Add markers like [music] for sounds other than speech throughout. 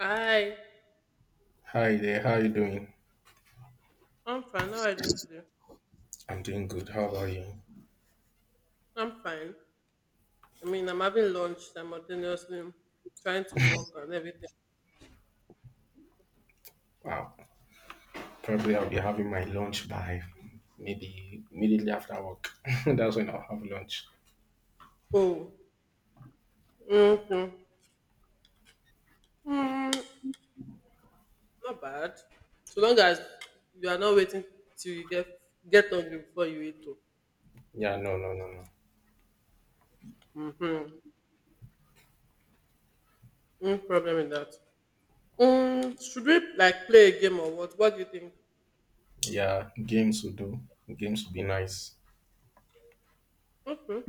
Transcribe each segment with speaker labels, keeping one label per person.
Speaker 1: Hi,
Speaker 2: Hi there, how are you doing?
Speaker 1: I'm fine. How are you doing today?
Speaker 2: I'm doing good. How about you?
Speaker 1: I'm fine. I mean, I'm having lunch simultaneously, trying to work and everything.
Speaker 2: Wow. Probably I'll be having my lunch by maybe immediately after work. [laughs] That's when I'll have lunch.
Speaker 1: Oh, mm-hmm. mm, Not bad. So long as you are not waiting till you get hungry before you eat. Oh,
Speaker 2: Yeah, no, no, no, no.
Speaker 1: mm-hmm. No problem with that. Should we like play a game or what? What do you think?
Speaker 2: Yeah, games will do. Games will be nice.
Speaker 1: Okay.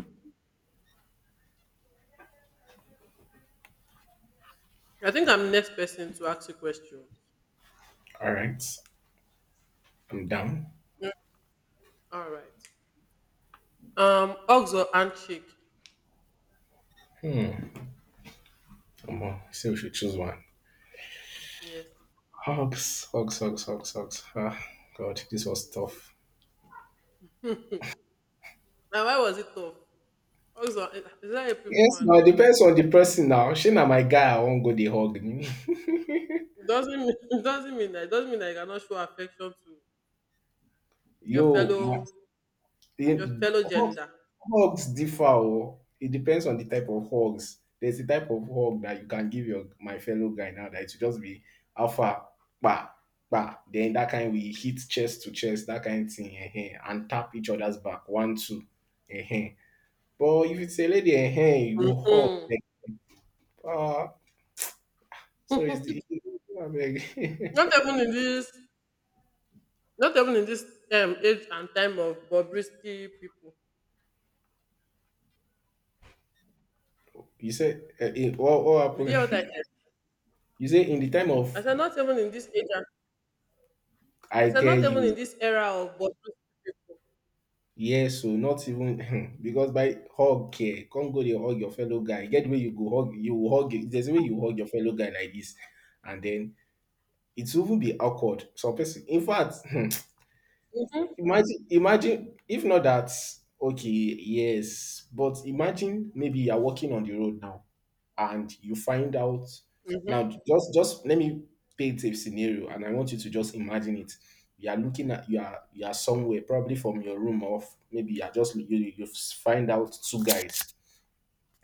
Speaker 1: I think I'm next person to ask you question.
Speaker 2: All right, I'm down.
Speaker 1: All right. Hugs or handshake?
Speaker 2: Hmm. Come on, see we should choose one.
Speaker 1: Yes.
Speaker 2: Hugs, hugs, hugs, hugs, hugs. Ah, God, this was tough.
Speaker 1: Now, why was it tough? Also, is that a people
Speaker 2: Yes,
Speaker 1: one
Speaker 2: now it
Speaker 1: now?
Speaker 2: depends on the person now. She na my guy, I won't go the hug. [laughs]
Speaker 1: It doesn't mean, [laughs] it doesn't mean that you cannot show affection to your
Speaker 2: Yo, my,
Speaker 1: fellow your
Speaker 2: the
Speaker 1: fellow
Speaker 2: hogs
Speaker 1: gender.
Speaker 2: hogs differ oh. It depends on the type of hogs. There's a type of hug that you can give your my fellow guy now that it will just be alpha, kpa, kpa. Then that kind we hit chest to chest, that kind thing, eh? And tap each other's back. One, two, eh? But if it's a lady, eh? You hug.
Speaker 1: Mm.
Speaker 2: Like, ah, so it's the [laughs] abeg.
Speaker 1: Not even in this Not even in this age and time of Bobrisky people.
Speaker 2: [laughs] You say, eh, eh, what
Speaker 1: Did you hear what I
Speaker 2: happened?
Speaker 1: said?
Speaker 2: [laughs] You say in the time
Speaker 1: I
Speaker 2: of,
Speaker 1: said not even in this age and, I
Speaker 2: I
Speaker 1: said
Speaker 2: tell
Speaker 1: not even in
Speaker 2: you.
Speaker 1: this era of Bobrisky people.
Speaker 2: Yes o, not even [laughs] because by hug eh, come go dey hug your fellow guy. E get where you go hug you will hug, there's a way you hug your fellow guy like this, and then it will even be awkward. Some pesin in fact. [laughs]
Speaker 1: Mm-hmm.
Speaker 2: Imagine if not that, okay, yes, but imagine maybe you're walking on the road now and you find out, now just let me paint a scenario and I want you to just imagine it. You are looking at, you are somewhere, probably from your room off, maybe you are just you, you find out two guys.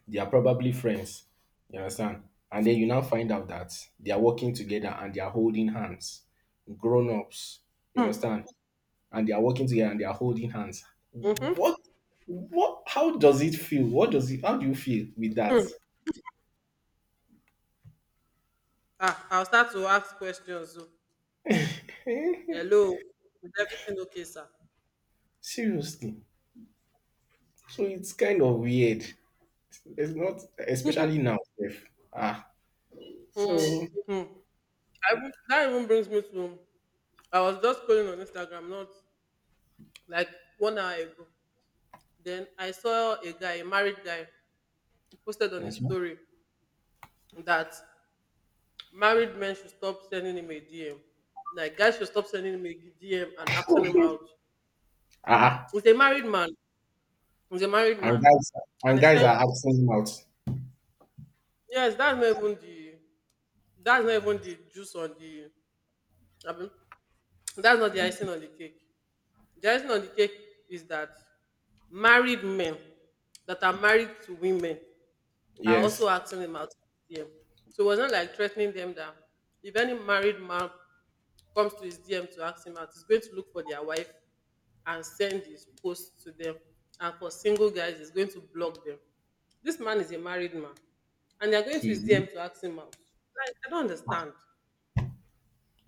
Speaker 2: They are probably friends. You understand? And then you now find out that they are working together and they are holding hands. Grown ups. You
Speaker 1: Hmm.
Speaker 2: understand? And they are working together and they are holding hands.
Speaker 1: Mm-hmm.
Speaker 2: What? What? How does it feel? What does it? How do you feel with that?
Speaker 1: Ah, I'll start to ask questions. So.
Speaker 2: [laughs]
Speaker 1: Hello, is everything okay, sir?
Speaker 2: Seriously. So it's kind of weird. It's not, especially now. If, ah, so
Speaker 1: Hmm. hmm that even brings me to I was just scrolling on Instagram not like 1 hour ago. Then I saw a guy, a married guy, posted on his
Speaker 2: okay.
Speaker 1: story that married men should stop sending him a DM. Like guys should stop sending him a DM and asking him out.
Speaker 2: Ah,
Speaker 1: He's a married man. He's a married
Speaker 2: and
Speaker 1: man.
Speaker 2: guys,
Speaker 1: And
Speaker 2: and
Speaker 1: he
Speaker 2: guys
Speaker 1: said,
Speaker 2: are asking out.
Speaker 1: yes, that's not even the juice on the I that's not the icing on the cake. The icing on the cake is that married men that are married to women are also
Speaker 2: Yes,
Speaker 1: asking him out his DM. So it was not like threatening them that if any married man comes to his DM to ask him out, he's going to look for their wife and send his post to them. And for single guys, he's going to block them. This man is a married man, and they're going to his DM
Speaker 2: he.
Speaker 1: to ask him out. Like, I don't understand.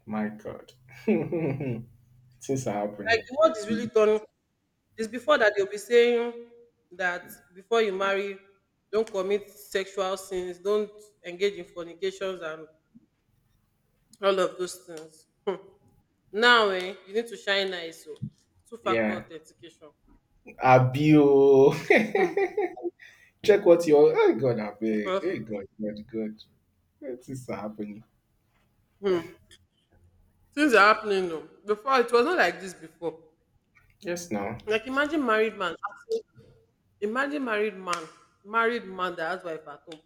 Speaker 2: My God, [laughs] things are
Speaker 1: Like
Speaker 2: happening.
Speaker 1: the world is really turning. It's before that they'll be saying that before you marry, don't commit sexual sins, don't engage in fornications and all of those things. [laughs] Now, eh, you need to shine eyes, oh, two factor
Speaker 2: Yeah,
Speaker 1: authentication.
Speaker 2: Abio.
Speaker 1: um
Speaker 2: [laughs] Check what you your oh, hey God I beg.
Speaker 1: because
Speaker 2: Hey God, God, God. What is happening?
Speaker 1: um things are happening, oh. Before it was not like this before.
Speaker 2: Yes now.
Speaker 1: Like, imagine married man that has wife at home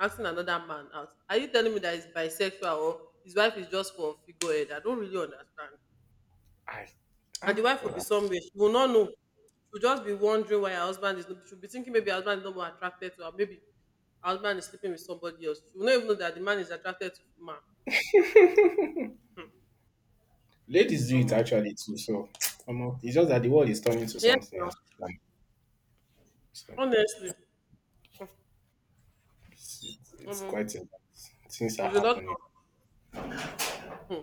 Speaker 1: asking another man out. Are you telling me that he's bisexual or his wife is just for figurehead? I don't really understand.
Speaker 2: I,
Speaker 1: And the
Speaker 2: ah
Speaker 1: wife will
Speaker 2: God.
Speaker 1: be
Speaker 2: Ah.
Speaker 1: somewhere. She will not know. She'll just be wondering why her husband is not. She'll be thinking maybe her husband is not more attracted to her. Maybe her husband is sleeping with somebody else. She will not even know that the man is attracted to man.
Speaker 2: Ladies do it
Speaker 1: Omo.
Speaker 2: actually too, so [tsk] omo, it's just that the world is turning to
Speaker 1: Yes,
Speaker 2: something
Speaker 1: sir.
Speaker 2: else. Um, So
Speaker 1: Honestly.
Speaker 2: it's
Speaker 1: Omo.
Speaker 2: quite a lot. Things are
Speaker 1: There's a lot of
Speaker 2: happening.
Speaker 1: hmm,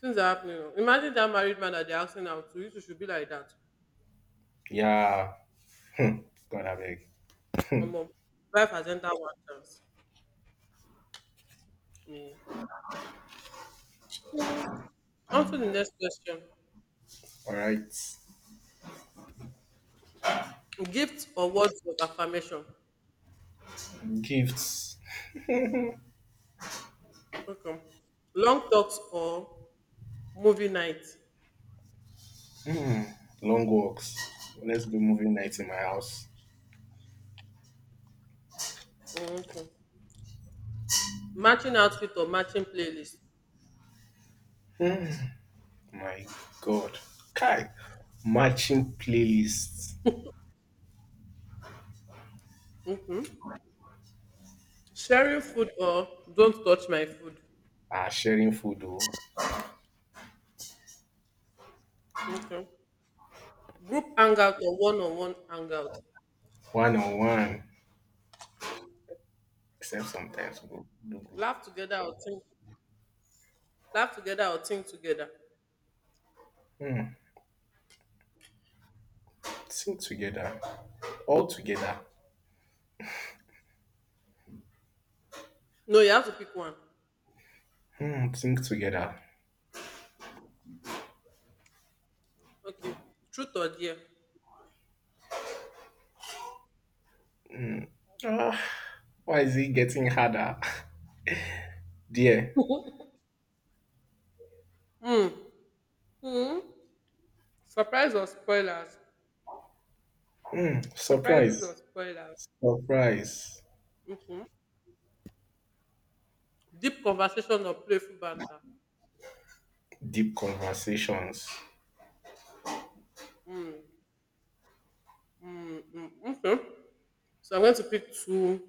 Speaker 1: things are happening, oh. Imagine that married man that they're asking out to. You two should be like that.
Speaker 2: Yeah. Hmm. God I beg.
Speaker 1: Omo. Life has entered one chance. Yeah. On to the next question.
Speaker 2: Alright.
Speaker 1: Gifts or words of affirmation.
Speaker 2: Gifts.
Speaker 1: Okay. Long talks or movie night.
Speaker 2: Long walks. Let's do movie night in my house.
Speaker 1: Okay. Matching outfit or matching playlist.
Speaker 2: My God. Kai. Matching playlists.
Speaker 1: Sharing food or don't touch my food.
Speaker 2: Ah, sharing food. Oh.
Speaker 1: Okay. Group hangout or one-on-one hangout.
Speaker 2: One on one, except sometimes we go do group.
Speaker 1: Laugh together or think. Laugh together or think together.
Speaker 2: Think together, all together.
Speaker 1: No, you have to pick one.
Speaker 2: Hmm, think together.
Speaker 1: Okay. Truth or dare.
Speaker 2: Ah, why is it getting harder? [laughs] Dear,
Speaker 1: [laughs] Hmm. Hmm? Surprise or spoilers? Surprises or
Speaker 2: surprise,
Speaker 1: spoilers?
Speaker 2: surprise,
Speaker 1: Okay. Deep conversation or playful banter.
Speaker 2: deep conversations.
Speaker 1: Mm-hmm. Okay. So I'm going to pick two.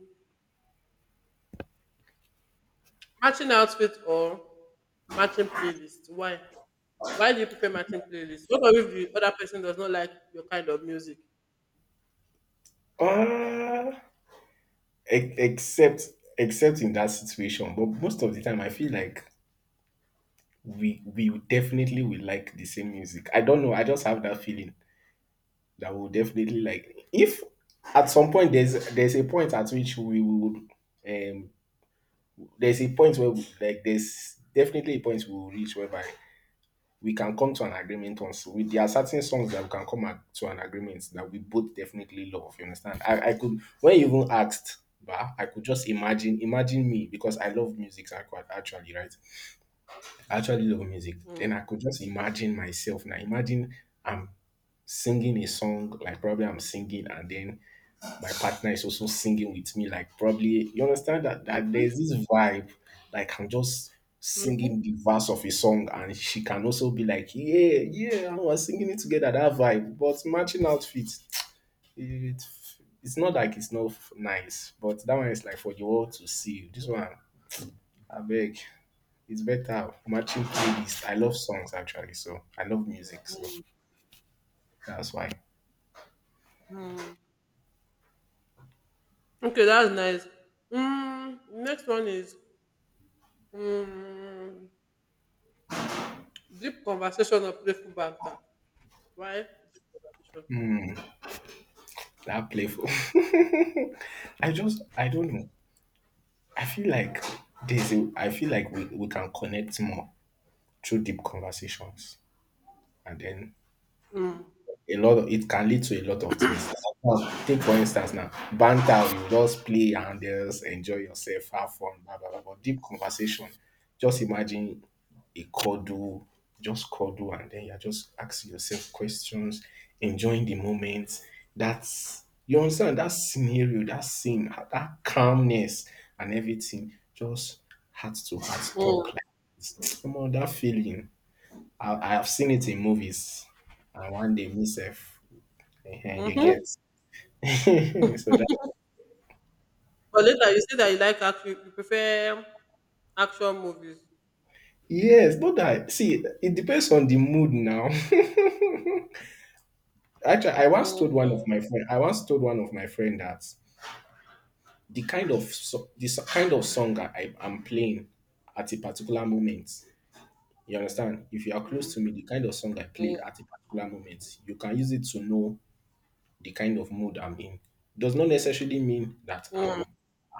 Speaker 1: Matching outfit or matching playlist. Why? Why do you prefer matching playlists? What if the other person does not like your kind of music?
Speaker 2: Ah, e- except except in that situation, but most of the time I feel like we definitely will like the same music. I don't know. I just have that feeling. That will definitely like if at some point there's a point at which we would um there's a point where we, like there's definitely a point we will reach whereby we can come to an agreement on so we, there are certain songs that we can come at, to an agreement that we both definitely love, you understand, I could when you even asked bah, I could just imagine, imagine me because I love music. I could actually, right? I actually love music. Then
Speaker 1: Mm.
Speaker 2: I could just imagine myself now. Imagine I'm singing a song, like probably I'm singing and then my partner is also singing with me, like probably you understand that, that
Speaker 1: Mhm,
Speaker 2: there's this vibe, like I'm just
Speaker 1: mhm,
Speaker 2: singing the verse of a song and she can also be like, yeah, yeah, and we're singing it together, that vibe. But matching outfits, [tsk] it, it's not like it's not nice, but that one is like for the world to see. This one, I beg. It's better matching playlist. I love songs actually, so I love music, so that's why
Speaker 1: mm. Okay, that's nice. Next one is mm, deep conversation or playful banter. Why deep conversation?
Speaker 2: that playful. [laughs] I just, I don't know. I feel like there's a, I feel like we can connect more through deep conversations. And then
Speaker 1: Mm,
Speaker 2: a lot of it can lead to a lot of things. Sometimes, take for instance now, banter, you just play and just enjoy yourself, have fun, blah blah blah. But deep conversation, just imagine a cuddle, just cuddle, and then you're just asking yourself questions, enjoying the moment. That's, you understand that scenario, that scene, that calmness and everything, just heart to heart
Speaker 1: mm,
Speaker 2: talk like this. [tsk] Come on, that feeling. I have seen it in movies. And one day myself [laughs] Ehen, you
Speaker 1: mhm.
Speaker 2: get. [laughs] So that,
Speaker 1: But later you say that you like action, you prefer action movies.
Speaker 2: yes, not that see, it depends on the mood now. [laughs] Actually,
Speaker 1: Mm, so,
Speaker 2: I once told one of my friend that the kind of so the kind of song I am playing at a particular moment, you understand? If you are close
Speaker 1: mm,
Speaker 2: to me, the kind of song I play at a particular moment, you can use it to know the kind of mood I'm in, does not necessarily mean that
Speaker 1: mm,
Speaker 2: I'm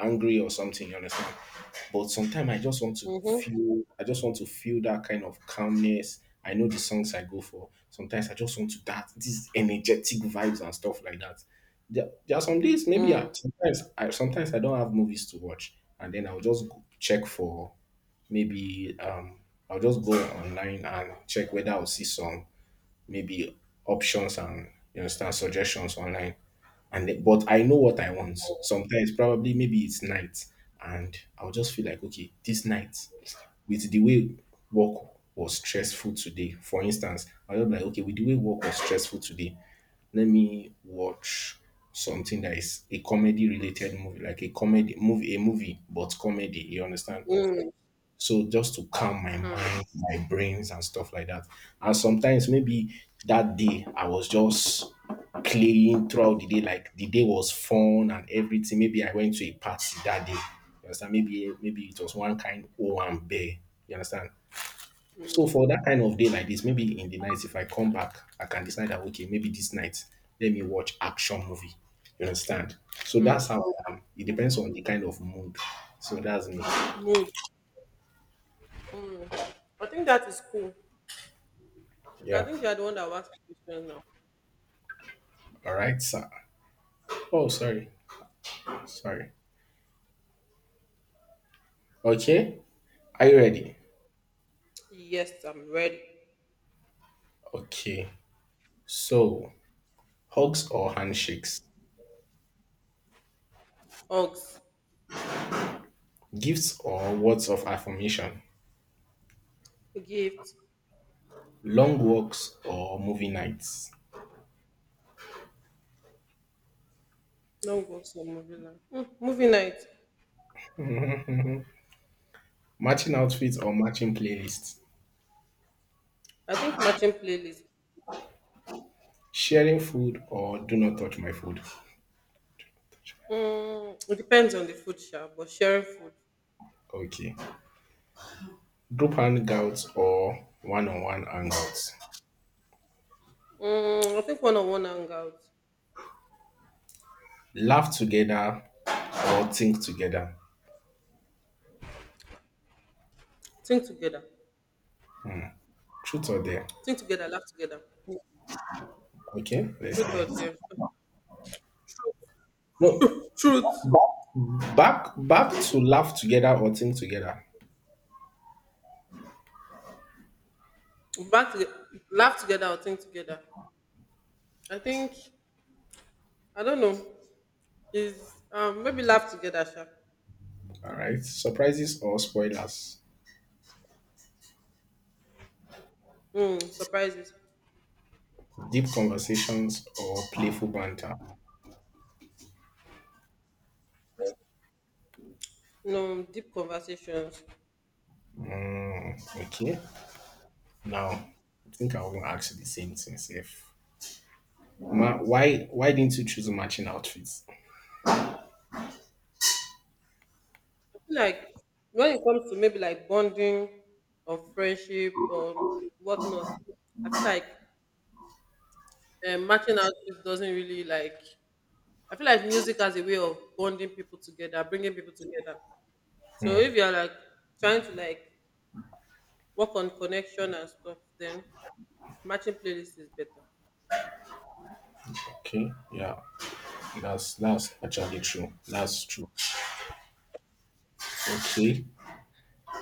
Speaker 2: angry or something, you understand? But sometimes
Speaker 1: mhm,
Speaker 2: I just want to feel that kind of calmness. I know the songs I go for. Sometimes I just want to that these energetic vibes and stuff like that. There are some days maybe
Speaker 1: mm,
Speaker 2: sometimes I don't have movies to watch and then I'll just go check for maybe I'll just go online and check whether I'll see some maybe options and you understand suggestions online. And then, but I know what I want. Sometimes probably maybe it's night, and I'll just feel like okay, this night with the way work was stressful today. For instance, I'll be like okay, with the way work was stressful today, let me watch something that is a comedy related movie, like a comedy movie, a movie but comedy. You understand?
Speaker 1: mm,
Speaker 2: So just to calm my
Speaker 1: mm,
Speaker 2: mind, my brains and stuff like that. And sometimes maybe that day I was just playing throughout the day, like the day was fun and everything. Maybe I went to a party that day. You understand? Maybe it was one kind O and bear. You understand? So for that kind of day like this, maybe in the night, if I come back, I can decide that okay, maybe this night, let me watch action movie. You understand? So
Speaker 1: mm,
Speaker 2: that's how I am. It
Speaker 1: mm.
Speaker 2: depends on the kind of mood. So that's me.
Speaker 1: Mood. Mm. I think that is cool. So I
Speaker 2: Yeah.
Speaker 1: think you are the one that wants ask the questions now.
Speaker 2: All right, sir. Oh, sorry. Sorry. Okay. Are you ready?
Speaker 1: Yes, I'm ready.
Speaker 2: Okay. So, hugs or handshakes,
Speaker 1: Hugs,
Speaker 2: gifts or words of affirmation,
Speaker 1: a gift,
Speaker 2: long walks or movie nights,
Speaker 1: no go to movie night. Movie night.
Speaker 2: matching outfits or matching playlists,
Speaker 1: I think matching playlist.
Speaker 2: sharing food or do not touch my food.
Speaker 1: Mm, it depends on the food shop, but sharing food.
Speaker 2: Okay. Group hangouts or one on one hangouts,
Speaker 1: I think one on one hangout.
Speaker 2: laugh together or think together.
Speaker 1: Think together.
Speaker 2: Truth or dare?
Speaker 1: Think together, laugh together.
Speaker 2: Okay. Let's
Speaker 1: Truth or
Speaker 2: see.
Speaker 1: dare.
Speaker 2: No,
Speaker 1: Truth.
Speaker 2: back back to laugh together or think together.
Speaker 1: Back to laugh together or think together. I think I don't know. Is maybe laugh together, sha.
Speaker 2: All right. Surprises or spoilers.
Speaker 1: Mm, surprises.
Speaker 2: Deep conversations or playful banter.
Speaker 1: No, deep conversations.
Speaker 2: Okay. Now, I think I will ask you the same thing. If Ma, why didn't you choose matching outfits?
Speaker 1: I feel like when it comes to maybe like bonding or friendship or whatnot, I feel like matching outfits doesn't really like. I feel like music has a way of bonding people together, bringing people together. So if you're like trying to like work on connection and stuff, then matching playlist is better.
Speaker 2: Okay. Yeah. That's actually true. That's true. Okay.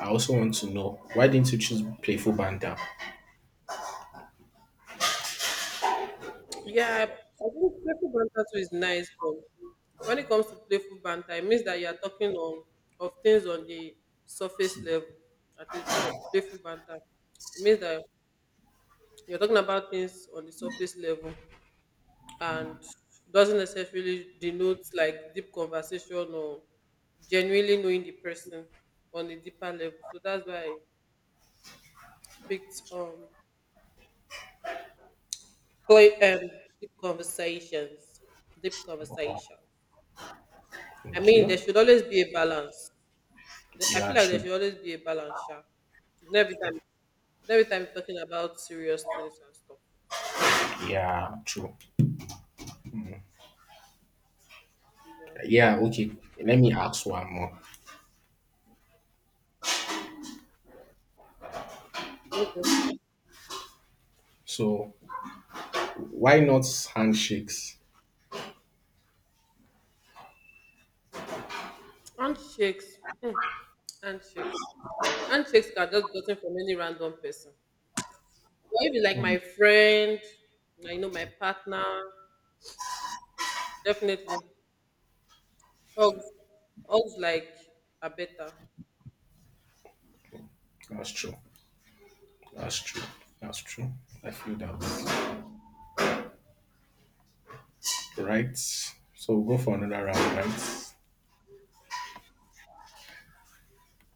Speaker 2: I also want to know why didn't you choose playful banter?
Speaker 1: Yeah, I think playful banter too is nice, but when it comes to playful banter, it means that you are talking on of things on the surface level. At least for playful banter, it means that you're talking about things on the surface level and doesn't necessarily denote like deep conversation or genuinely knowing the person on a deeper level. So that's why I picked play deep conversations, deep conversations. I mean, there
Speaker 2: Okay.
Speaker 1: should always be a balance. I feel
Speaker 2: Yeah.
Speaker 1: like there
Speaker 2: True.
Speaker 1: should always be a balance, sha. Not Every time, not every time, you're talking about serious things and stuff.
Speaker 2: Yeah. True.
Speaker 1: You so.
Speaker 2: Yeah. Okay. Let me ask one more.
Speaker 1: Okay.
Speaker 2: So why not handshakes?
Speaker 1: Handshakes, hmm, handshakes, handshakes are just gotten from any random person. But if it's like my
Speaker 2: Mm.
Speaker 1: friend, I know, my partner, definitely hugs, hugs like are better.
Speaker 2: That's true. That's true. That's true. I feel that. Right. So we'll go for another round, right?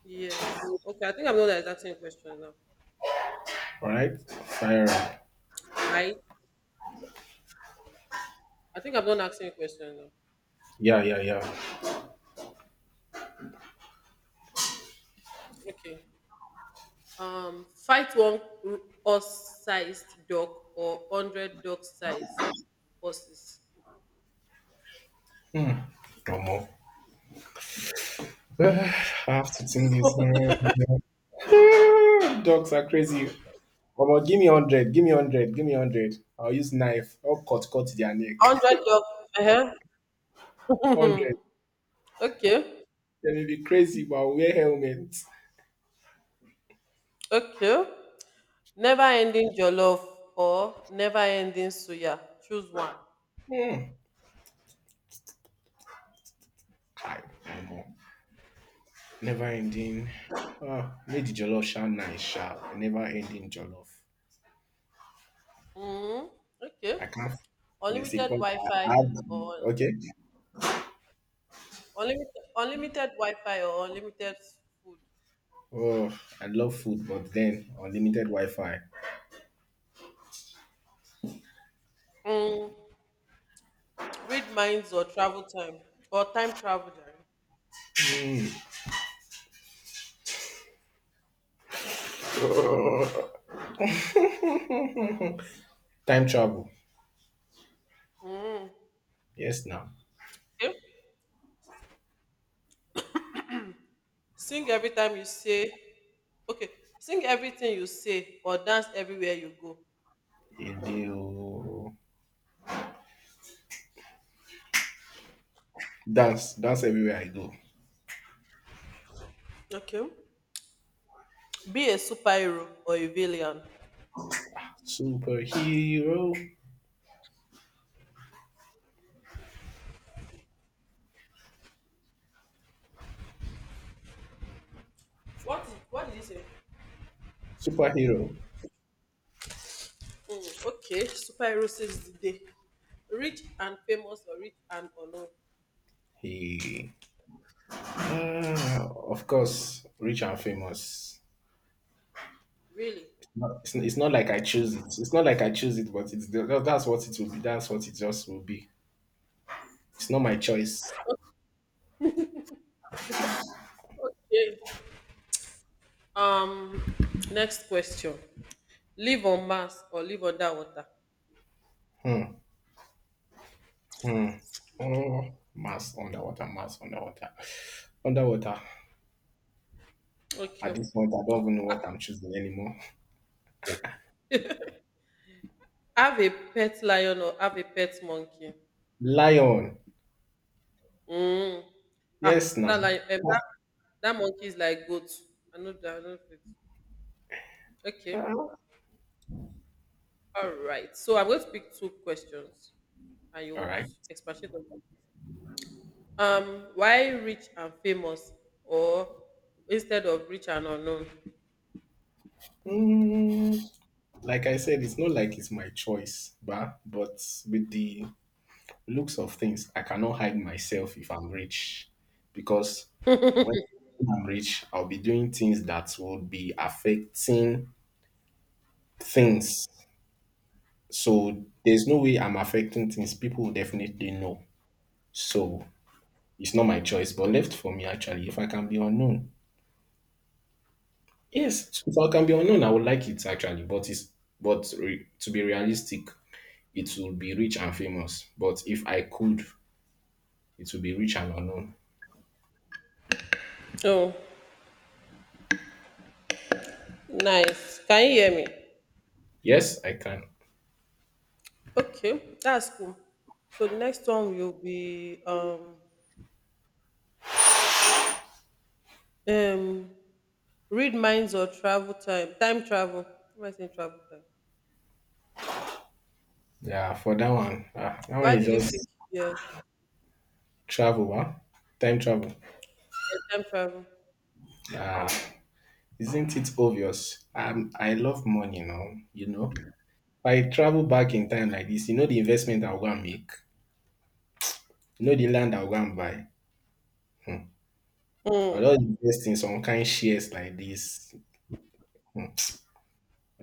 Speaker 1: Yes. Okay. I think I'm not exactly asking a question now,
Speaker 2: Alright? Fire up.
Speaker 1: right? I think I'm not asking a question now.
Speaker 2: Yeah, yeah, yeah.
Speaker 1: Okay. Fight one horse-sized dog or 100 dog-sized horses.
Speaker 2: No more. [sighs] I have to
Speaker 1: [laughs]
Speaker 2: think
Speaker 1: This
Speaker 2: this
Speaker 1: one-
Speaker 2: one. [laughs] Dogs are crazy. Omo, give me 100. Give me 100. Give me 100. I'll use knife. I'll cut their neck.
Speaker 1: Hundred
Speaker 2: [laughs]
Speaker 1: dog. Uh-huh.
Speaker 2: 100.
Speaker 1: [laughs] Okay.
Speaker 2: They may be crazy, but I'll wear helmet.
Speaker 1: Okay. Never ending jollof or never ending suya. Choose one.
Speaker 2: Hmm. Kai, no more. Never ending. Oh, made the jollof sound nice, sharp. Never ending jollof.
Speaker 1: Hmm. Okay.
Speaker 2: I can't. It's a
Speaker 1: Unlimited
Speaker 2: point. I
Speaker 1: Wi-Fi
Speaker 2: have,
Speaker 1: or
Speaker 2: okay.
Speaker 1: Unlimited Wi-Fi or unlimited food.
Speaker 2: Oh, I love food, but then unlimited Wi-Fi,
Speaker 1: Mm. Read minds or travel time or time travel. Time.
Speaker 2: time travel.
Speaker 1: Mm.
Speaker 2: Yes, now.
Speaker 1: Okay. Sing every time you say, okay, sing everything you say or dance everywhere you go.
Speaker 2: A deal. Dance, dance everywhere I go.
Speaker 1: Okay. Be a superhero or a villain.
Speaker 2: Superhero,
Speaker 1: What did you say?
Speaker 2: superhero.
Speaker 1: Mm, okay, superhero says the day. Rich and famous or rich and unknown.
Speaker 2: He, ah, of course, rich and famous.
Speaker 1: Really?
Speaker 2: No, it's not like I choose it. It's not like I choose it, but it's the, that's what it will be. That's what it just will be. It's not my choice.
Speaker 1: Okay. Um, next question. Live on Mars or live underwater?
Speaker 2: Hmm. Hmm. Oh, mass underwater, underwater. At
Speaker 1: Okay.
Speaker 2: this point, I don't even know what I'm choosing anymore.
Speaker 1: Have a pet lion or have a pet monkey?
Speaker 2: Lion.
Speaker 1: Mm.
Speaker 2: Yes,
Speaker 1: Ah,
Speaker 2: now.
Speaker 1: that like that that monkey is like goat. I know that. I know it. Okay.
Speaker 2: All
Speaker 1: All right. So I'm going to pick two questions, and you would
Speaker 2: right.
Speaker 1: expatiate on them. Why rich and famous, or instead of rich and unknown?
Speaker 2: Mm, like I said, it's not like it's my choice, but with the looks of things, I cannot hide myself if I'm rich because when I'm rich, I'll be doing things that will be affecting things. So there's no way I'm affecting things. People will definitely know. So it's not my choice, but left for me actually. If I can be unknown, yes, if I can be unknown, I would like it actually. But to be realistic, it will be rich and famous. But if I could, it will be rich and unknown.
Speaker 1: Oh, nice. Can you hear me?
Speaker 2: Yes, I can.
Speaker 1: Okay, that's cool. So the next one will be um read minds or travel time time travel. What am I saying travel time?
Speaker 2: Yeah, for that one, that one
Speaker 1: Why
Speaker 2: is
Speaker 1: did you pick
Speaker 2: just
Speaker 1: yeah
Speaker 2: travel, huh? Time travel.
Speaker 1: Yeah, time travel?
Speaker 2: Ah, isn't it obvious? I love money now, you know. If I travel back in time like this, you know the investment I'll go and make, you know the land I'll go and buy. I'll
Speaker 1: Mm.
Speaker 2: just invest in some kind shares like this. Hmm.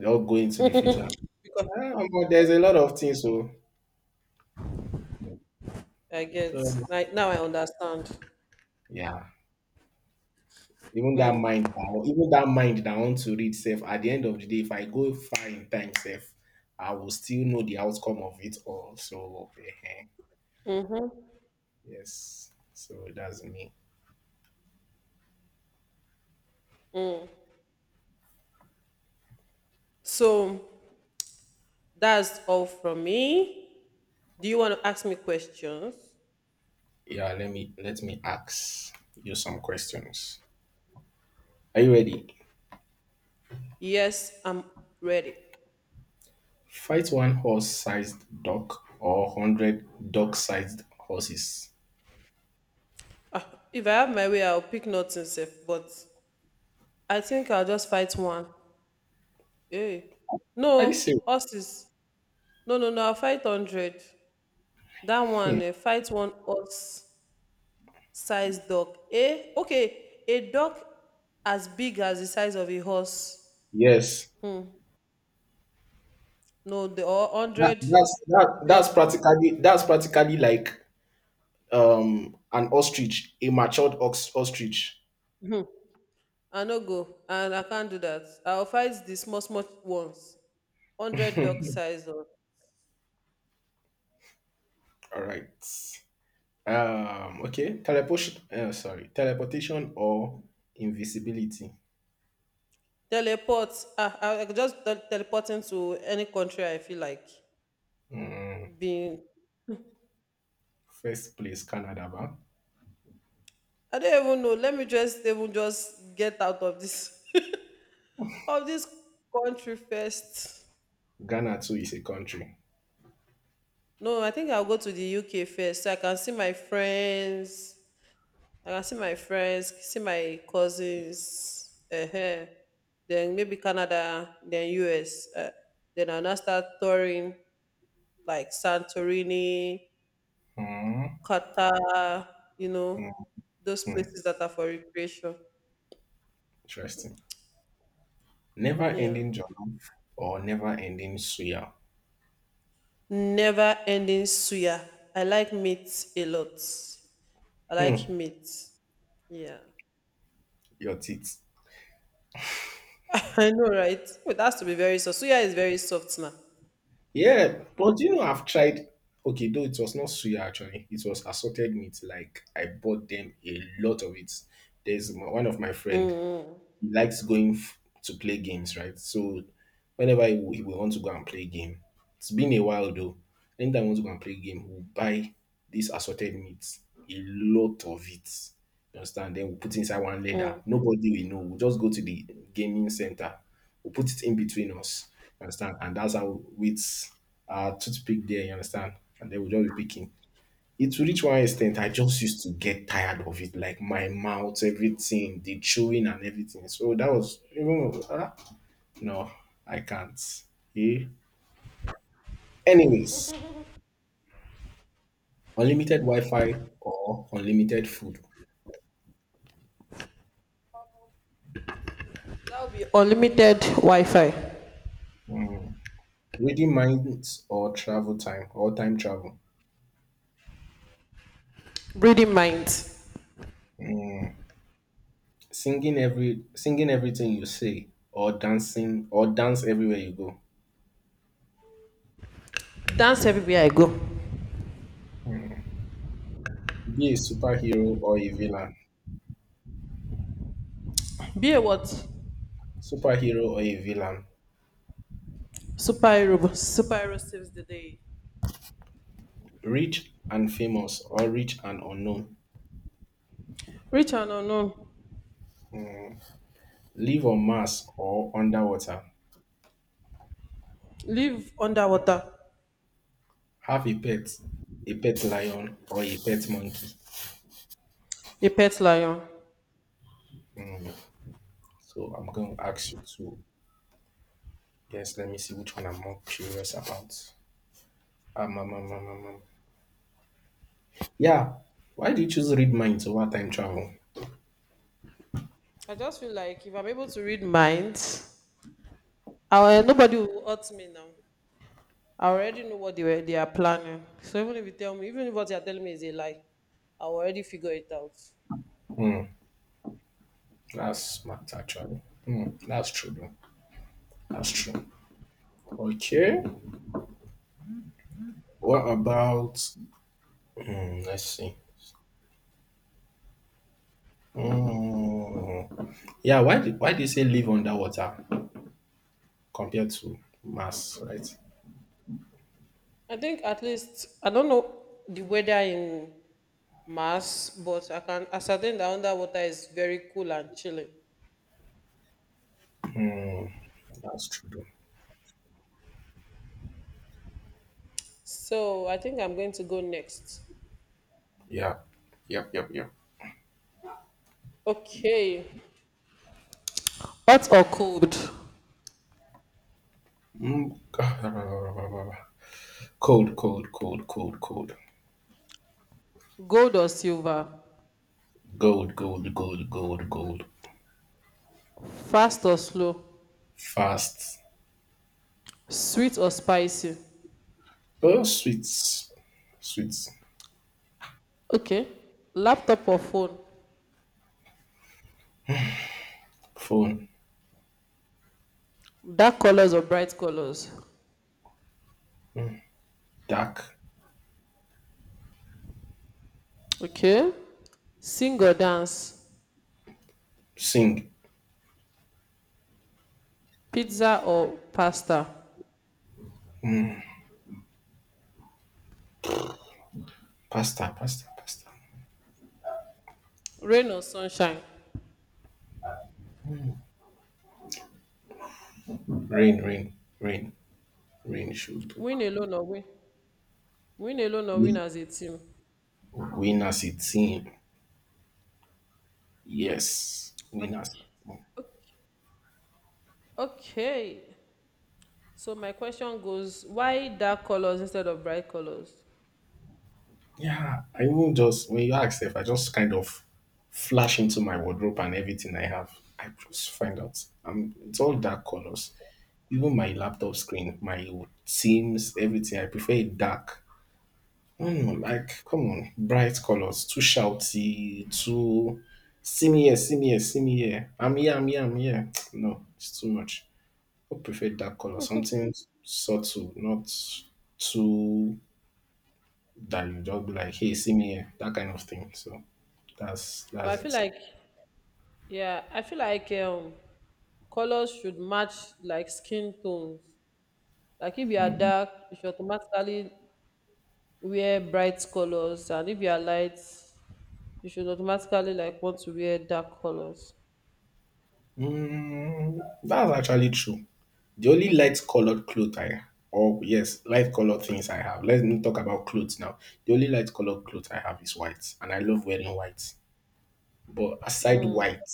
Speaker 2: I'll just go into the future.
Speaker 1: Because
Speaker 2: Ah, but there's a lot of things, so
Speaker 1: I get
Speaker 2: so
Speaker 1: like now I understand.
Speaker 2: yeah. Even
Speaker 1: Mm.
Speaker 2: even that mind that want to read self. At the end of the day, if I go far in time self, I will still know the outcome of it all. So
Speaker 1: Mm-hmm.
Speaker 2: yes, so that's me.
Speaker 1: Mm. So that's all from me. Do you want to ask me questions?
Speaker 2: Yeah, let me ask you some questions. Are you ready?
Speaker 1: Yes, I'm ready.
Speaker 2: Fight one horse-sized duck or hundred duck-sized horses.
Speaker 1: [laughs] If I have my way, I'll pick nothing safe, but I think I'll just fight one. Hey.
Speaker 2: Are you serious?
Speaker 1: No,
Speaker 2: [laughs]
Speaker 1: us is no no no, I'll fight 100. That
Speaker 2: Hmm,
Speaker 1: one, eh, fight one horse size dog. Eh? Okay. A dog as big as the size of a horse.
Speaker 2: yes.
Speaker 1: um no the or
Speaker 2: That,
Speaker 1: hundred
Speaker 2: that's that,
Speaker 1: job.
Speaker 2: that's practically that's practically like an ostrich, a matured ostrich.
Speaker 1: um I no go and I can't do that. I will fight the small small ones, 100 duck size or
Speaker 2: All right. Okay, teleportation sorry, teleportation or invisibility.
Speaker 1: teleport. Ah, I go just teleport into any country I feel like being.
Speaker 2: First place Canada ba?
Speaker 1: I don't even know. Let me just even just get out of this [laughs] of this country first.
Speaker 2: Ghana too is a country.
Speaker 1: No, I think I'll go to the UK first so I can see my friends. Like, I can see my friends, see my cousins, then maybe Canada, then US. Then I'll now start touring like Santorini,
Speaker 2: hmm
Speaker 1: Qatar, you know, those
Speaker 2: hmm,
Speaker 1: places that are for recreation.
Speaker 2: interesting. Never
Speaker 1: Yeah.
Speaker 2: ending jollof or never ending suya.
Speaker 1: Never ending suya. I like meat a lot. I like
Speaker 2: hmm
Speaker 1: meat. Yeah.
Speaker 2: your teeth.
Speaker 1: [laughs] I know, right? It has to be very soft. Suya is very soft now.
Speaker 2: Yeah,
Speaker 1: So,
Speaker 2: but you know, I've tried. Okay, though it was not suya actually, it was assorted meat. Like I bought them a lot of it. One of my
Speaker 1: mm,
Speaker 2: friend,
Speaker 1: mm,
Speaker 2: he likes to play games, right? So whenever he will want to go and play game. It's been a while though. Anytime I want to go and play game, we'll buy this assorted meat, a lot of it. You understand? Then we'll put it inside one
Speaker 1: mm.
Speaker 2: leather. Nobody will know. We'll just go to the gaming center. We'll put it in between us. You understand? And that's how with our toothpick there, you understand? And then we'll just be picking it to reach one extent. I just used to get tired of it, like my mouth, everything, the chewing and everything. So that was no, I can't. Yeah. Anyways, unlimited Wi-Fi or unlimited food.
Speaker 1: That will be unlimited Wi-Fi,
Speaker 2: Reading minds or travel time or time travel.
Speaker 1: reading minds,
Speaker 2: Singing everything you say, or dancing or dance everywhere you go.
Speaker 1: dance everywhere I go.
Speaker 2: Be a superhero or a villain?
Speaker 1: Be a what?
Speaker 2: Superhero or a villain?
Speaker 1: Superhero. Superhero saves the day.
Speaker 2: Rich and famous or rich and unknown?
Speaker 1: Rich and unknown,
Speaker 2: Live on Mars or underwater?
Speaker 1: live underwater,
Speaker 2: Have a pet lion or a pet monkey?
Speaker 1: a pet lion.
Speaker 2: Hmm. So I'm going to ask you two. Yes, let me see which one I'm more curious about. Um, um, um, um, um, um. Yeah. Why do you choose read minds over time travel?
Speaker 1: I just feel like if I'm able to read minds, I, eh, nobody will hurt me now. I already know what they were, they are planning. So even if you tell me, even if what they are telling me is a lie, I already figure it out.
Speaker 2: Hmm, that's smart, actually. Hmm, that's true, though. That's true. Okay. What about? Let's see. Hmm. Yeah. Why do you say live underwater compared to Mars? Right.
Speaker 1: I think at least I don't know the weather in mass, but I can ascertain that underwater is very cool and chilling.
Speaker 2: Hmm, that's true.
Speaker 1: So I think I'm going to go next.
Speaker 2: Yeah. Yep. Yep. Yep.
Speaker 1: Okay. Hot or cold?
Speaker 2: Mm. [laughs] [sighs] Cold. Cold. Cold. Cold. Cold.
Speaker 1: Gold or silver?
Speaker 2: Gold. Gold. Gold. Gold. Gold.
Speaker 1: Fast or slow?
Speaker 2: Fast.
Speaker 1: Sweet or spicy?
Speaker 2: Oh, sweet. Sweet.
Speaker 1: Okay. Laptop or phone?
Speaker 2: Phone.
Speaker 1: Dark colors or bright colors?
Speaker 2: Dark.
Speaker 1: Okay. Sing or dance?
Speaker 2: Sing.
Speaker 1: Pizza or pasta?
Speaker 2: Pasta. Pasta. Pasta.
Speaker 1: Rain or sunshine?
Speaker 2: Rain. Rain. Rain. Rain. Should do.
Speaker 1: Win alone or win? Win alone or win as a team?
Speaker 2: Winners. It's team. Yes. Winners.
Speaker 1: Okay. So my question goes, why dark colors instead of bright colors?
Speaker 2: Yeah, I even just when you ask, if I just kind of flash into my wardrobe and everything I have, I just find out. It's all dark colors. Even my laptop screen, my Teams, everything. I prefer it dark. No, no, like come on, bright colors, too shouty, too. See me here, see me here, see me here. I'm here, I'm here, I'm here. [tsk] No, it's too much. I prefer dark color, something subtle, not too, that you just be like, hey, see me here, that kind of thing. So that's
Speaker 1: But I feel
Speaker 2: it.
Speaker 1: like, yeah, I feel like colors should match like skin tones. Like if you are
Speaker 2: Mm.
Speaker 1: dark, you should automatically wear bright colors, and if you are light, you should automatically like want to wear dark colors.
Speaker 2: Mm, that's actually true. The only light colored clothes I or yes, light colored things I have. Let's not talk about clothes now. The only light colored clothes I have is white, and I love wearing white. But aside
Speaker 1: Mm,
Speaker 2: white,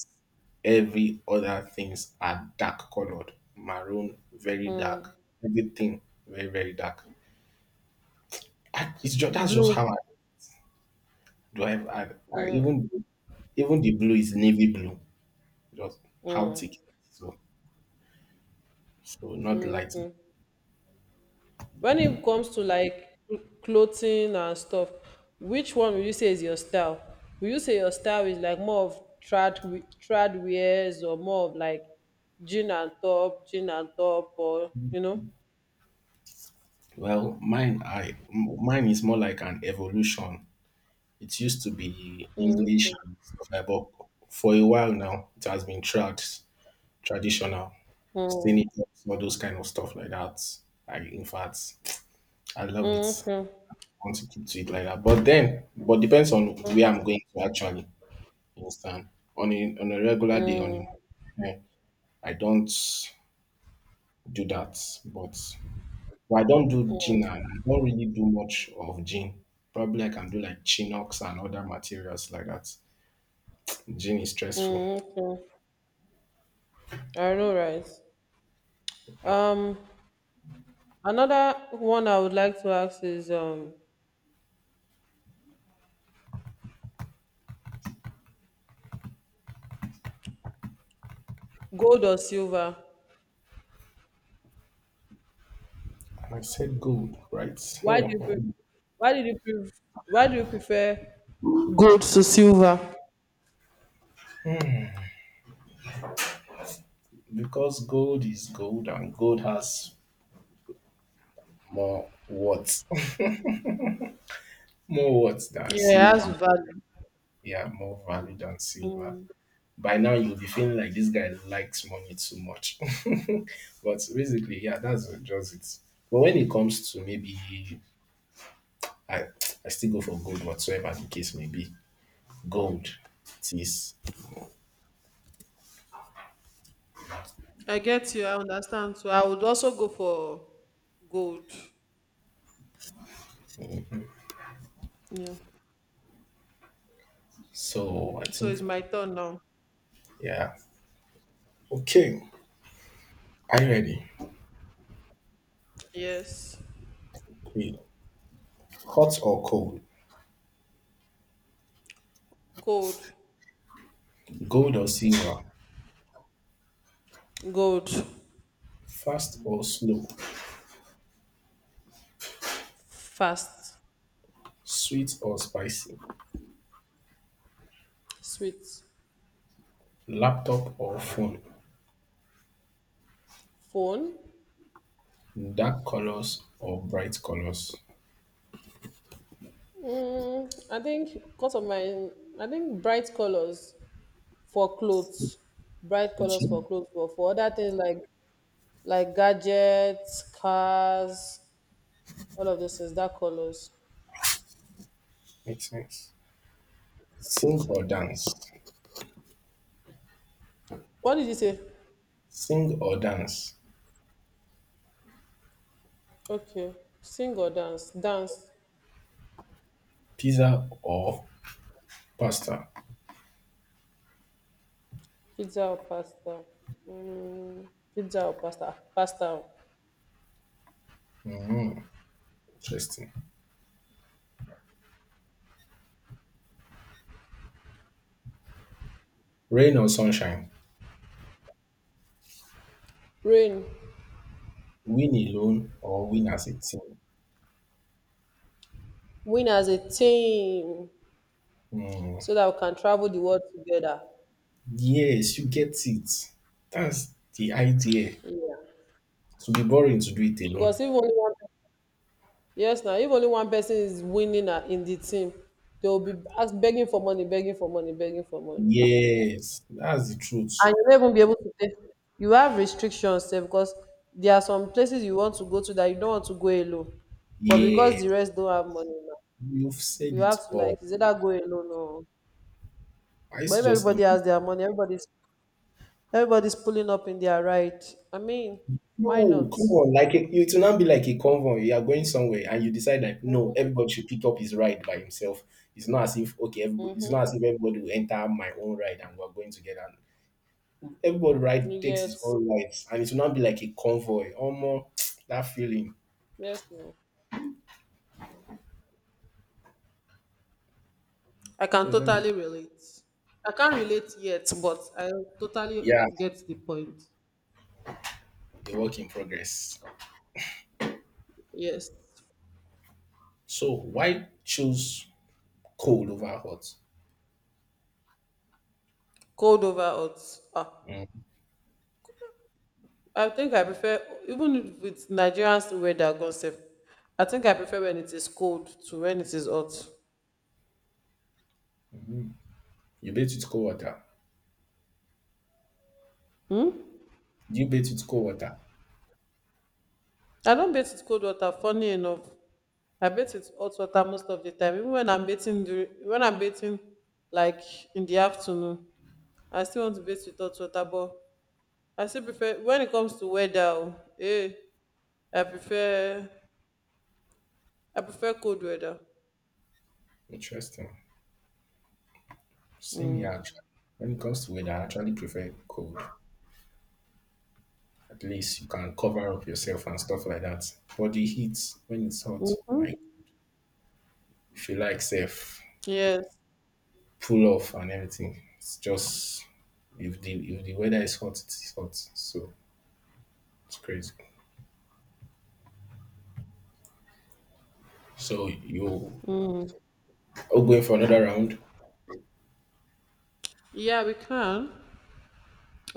Speaker 2: every other things are dark colored, maroon, very
Speaker 1: mm.
Speaker 2: dark. Everything very dark. It's just that's just
Speaker 1: Blue.
Speaker 2: how I. Do I even even the blue is navy blue, just how
Speaker 1: Mm.
Speaker 2: thick. So not light.
Speaker 1: When it comes to like clothing and stuff, which one will you say is your style? Will you say your style is like more of trad wears or more of like jean and top, or you know?
Speaker 2: Well, mine is more like an evolution. It used to be
Speaker 1: Mm,
Speaker 2: English and stuff like, but for a while now it has been traditional.
Speaker 1: mm,
Speaker 2: Senators, all those kind of stuff like that. I in fact I love it. I
Speaker 1: mm,
Speaker 2: want to keep to it like that. But then but depends on where I'm going to actually, you understand. On a regular day on
Speaker 1: mm,
Speaker 2: a, I don't do that, but well, I don't do gin.
Speaker 1: mm,
Speaker 2: And I don't really do much of gin. Probably I can do like chinox and other materials like that. Gin is stressful.
Speaker 1: mm, mm. I know, right?
Speaker 2: Yep.
Speaker 1: Um, another one I would like to ask is gold or silver?
Speaker 2: And I said gold, right?
Speaker 1: Why do you pre-
Speaker 2: Oh,
Speaker 1: why did you pre- why do you prefer gold to silver?
Speaker 2: because gold is gold, and gold has more worth, [laughs] more worth than
Speaker 1: Yeah, it
Speaker 2: silver.
Speaker 1: has value.
Speaker 2: Yeah, more value than silver.
Speaker 1: Mm.
Speaker 2: By now, you'll be feeling like this guy likes money too much. [laughs] But basically, yeah, that's just it. But when it comes to maybe, I I still go for gold whatsoever the case may be. Gold it is.
Speaker 1: I get you. I understand. So I would also go for gold. Yeah.
Speaker 2: So I
Speaker 1: So it's
Speaker 2: think
Speaker 1: my turn now.
Speaker 2: yeah. Okay. Are you ready?
Speaker 1: Yes.
Speaker 2: Okay. Hot or cold?
Speaker 1: Cold.
Speaker 2: Gold or silver?
Speaker 1: Gold.
Speaker 2: Fast or slow?
Speaker 1: Fast.
Speaker 2: Sweet or spicy?
Speaker 1: Sweet.
Speaker 2: Laptop or phone?
Speaker 1: Phone.
Speaker 2: Dark colors or bright colors?
Speaker 1: Mm, I think because of my, I think bright colors for clothes. Bright colors
Speaker 2: Okay.
Speaker 1: for clothes, but for other things like gadgets, cars, all of those things, dark colors.
Speaker 2: Makes sense. Sing or dance?
Speaker 1: What did you say?
Speaker 2: Sing or dance?
Speaker 1: Okay, sing or dance? Dance,
Speaker 2: Pizza or pasta?
Speaker 1: pizza or pasta? Mm, Pasta.
Speaker 2: Interesting. Rain or sunshine?
Speaker 1: Rain,
Speaker 2: Win alone or win as a team?
Speaker 1: win as a team so that we can travel the world together.
Speaker 2: Yes, you get it. That's the idea.
Speaker 1: Yeah,
Speaker 2: To be boring to do it alone.
Speaker 1: because if only one, Yes, now if only one person is winning, in the team, they will be ask, begging for money, begging for money, begging for money. Ah.
Speaker 2: Yes, that's the truth.
Speaker 1: And you will not even be able to take you have restrictions sef because there are some places you want to go to that you don't want to go alone but because the
Speaker 2: Yes,
Speaker 1: rest don't have money now
Speaker 2: you've said
Speaker 1: you
Speaker 2: it
Speaker 1: have to
Speaker 2: all.
Speaker 1: like is either go alone or
Speaker 2: I used
Speaker 1: but
Speaker 2: to
Speaker 1: if
Speaker 2: just
Speaker 1: everybody
Speaker 2: im-
Speaker 1: has their money everybody's pulling up in their right I mean why
Speaker 2: no,
Speaker 1: not
Speaker 2: come on, like a, it will not be like a convoy. You are going somewhere and you decide that no,
Speaker 1: mm-hmm,
Speaker 2: everybody should pick up his ride by himself. It's not as if okay, everybody, it's
Speaker 1: mm-hmm.
Speaker 2: not as if everybody will enter my own ride and we're going together. Everybody
Speaker 1: You
Speaker 2: ride takes
Speaker 1: get
Speaker 2: his own lights, and it will not be like a convoy. Almost [tsk] that feeling.
Speaker 1: yes no I can
Speaker 2: So
Speaker 1: totally relate I can't relate yet but I totally
Speaker 2: yeah,
Speaker 1: get the point.
Speaker 2: a work in progress.
Speaker 1: Yes,
Speaker 2: So why choose cold over hot?
Speaker 1: cold over hot, ah,
Speaker 2: Mm.
Speaker 1: I think I prefer even with Nigerian weather concept. I think I prefer when it is cold to when it is hot.
Speaker 2: You bathe with cold water.
Speaker 1: Hmm?
Speaker 2: Do you bathe with cold water?
Speaker 1: I don't bathe with cold water. Funny enough, I bathe with hot water most of the time. Even when I'm bathing during, when I'm bathing like in the afternoon, I still want to bathe with hot water. But I still prefer when it comes to weather, oh, eh, I prefer I prefer cold weather.
Speaker 2: Interesting. Same here
Speaker 1: Mm.
Speaker 2: actually. When it comes to weather, I actually prefer cold. At least you can cover up yourself and stuff like that. But the heat, when it's
Speaker 1: Hmm.
Speaker 2: hot, my,
Speaker 1: Mm-hmm.
Speaker 2: if you like safe,
Speaker 1: Yes.
Speaker 2: pull off and everything. It's just, if the weather is hot, it's hot. So it's crazy. So you
Speaker 1: Mm.
Speaker 2: are going for another round,
Speaker 1: Yeah, we can.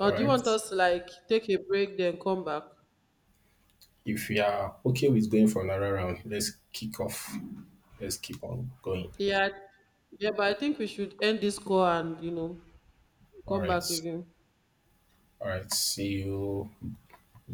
Speaker 2: all
Speaker 1: do you
Speaker 2: right?
Speaker 1: want us to like take a break then come back?
Speaker 2: If you are okay with going for another round, let's kick off. Let's keep on going.
Speaker 1: Yeah, yeah, but I think we should end this call and you know
Speaker 2: All
Speaker 1: come
Speaker 2: right.
Speaker 1: back again.
Speaker 2: All right. See you.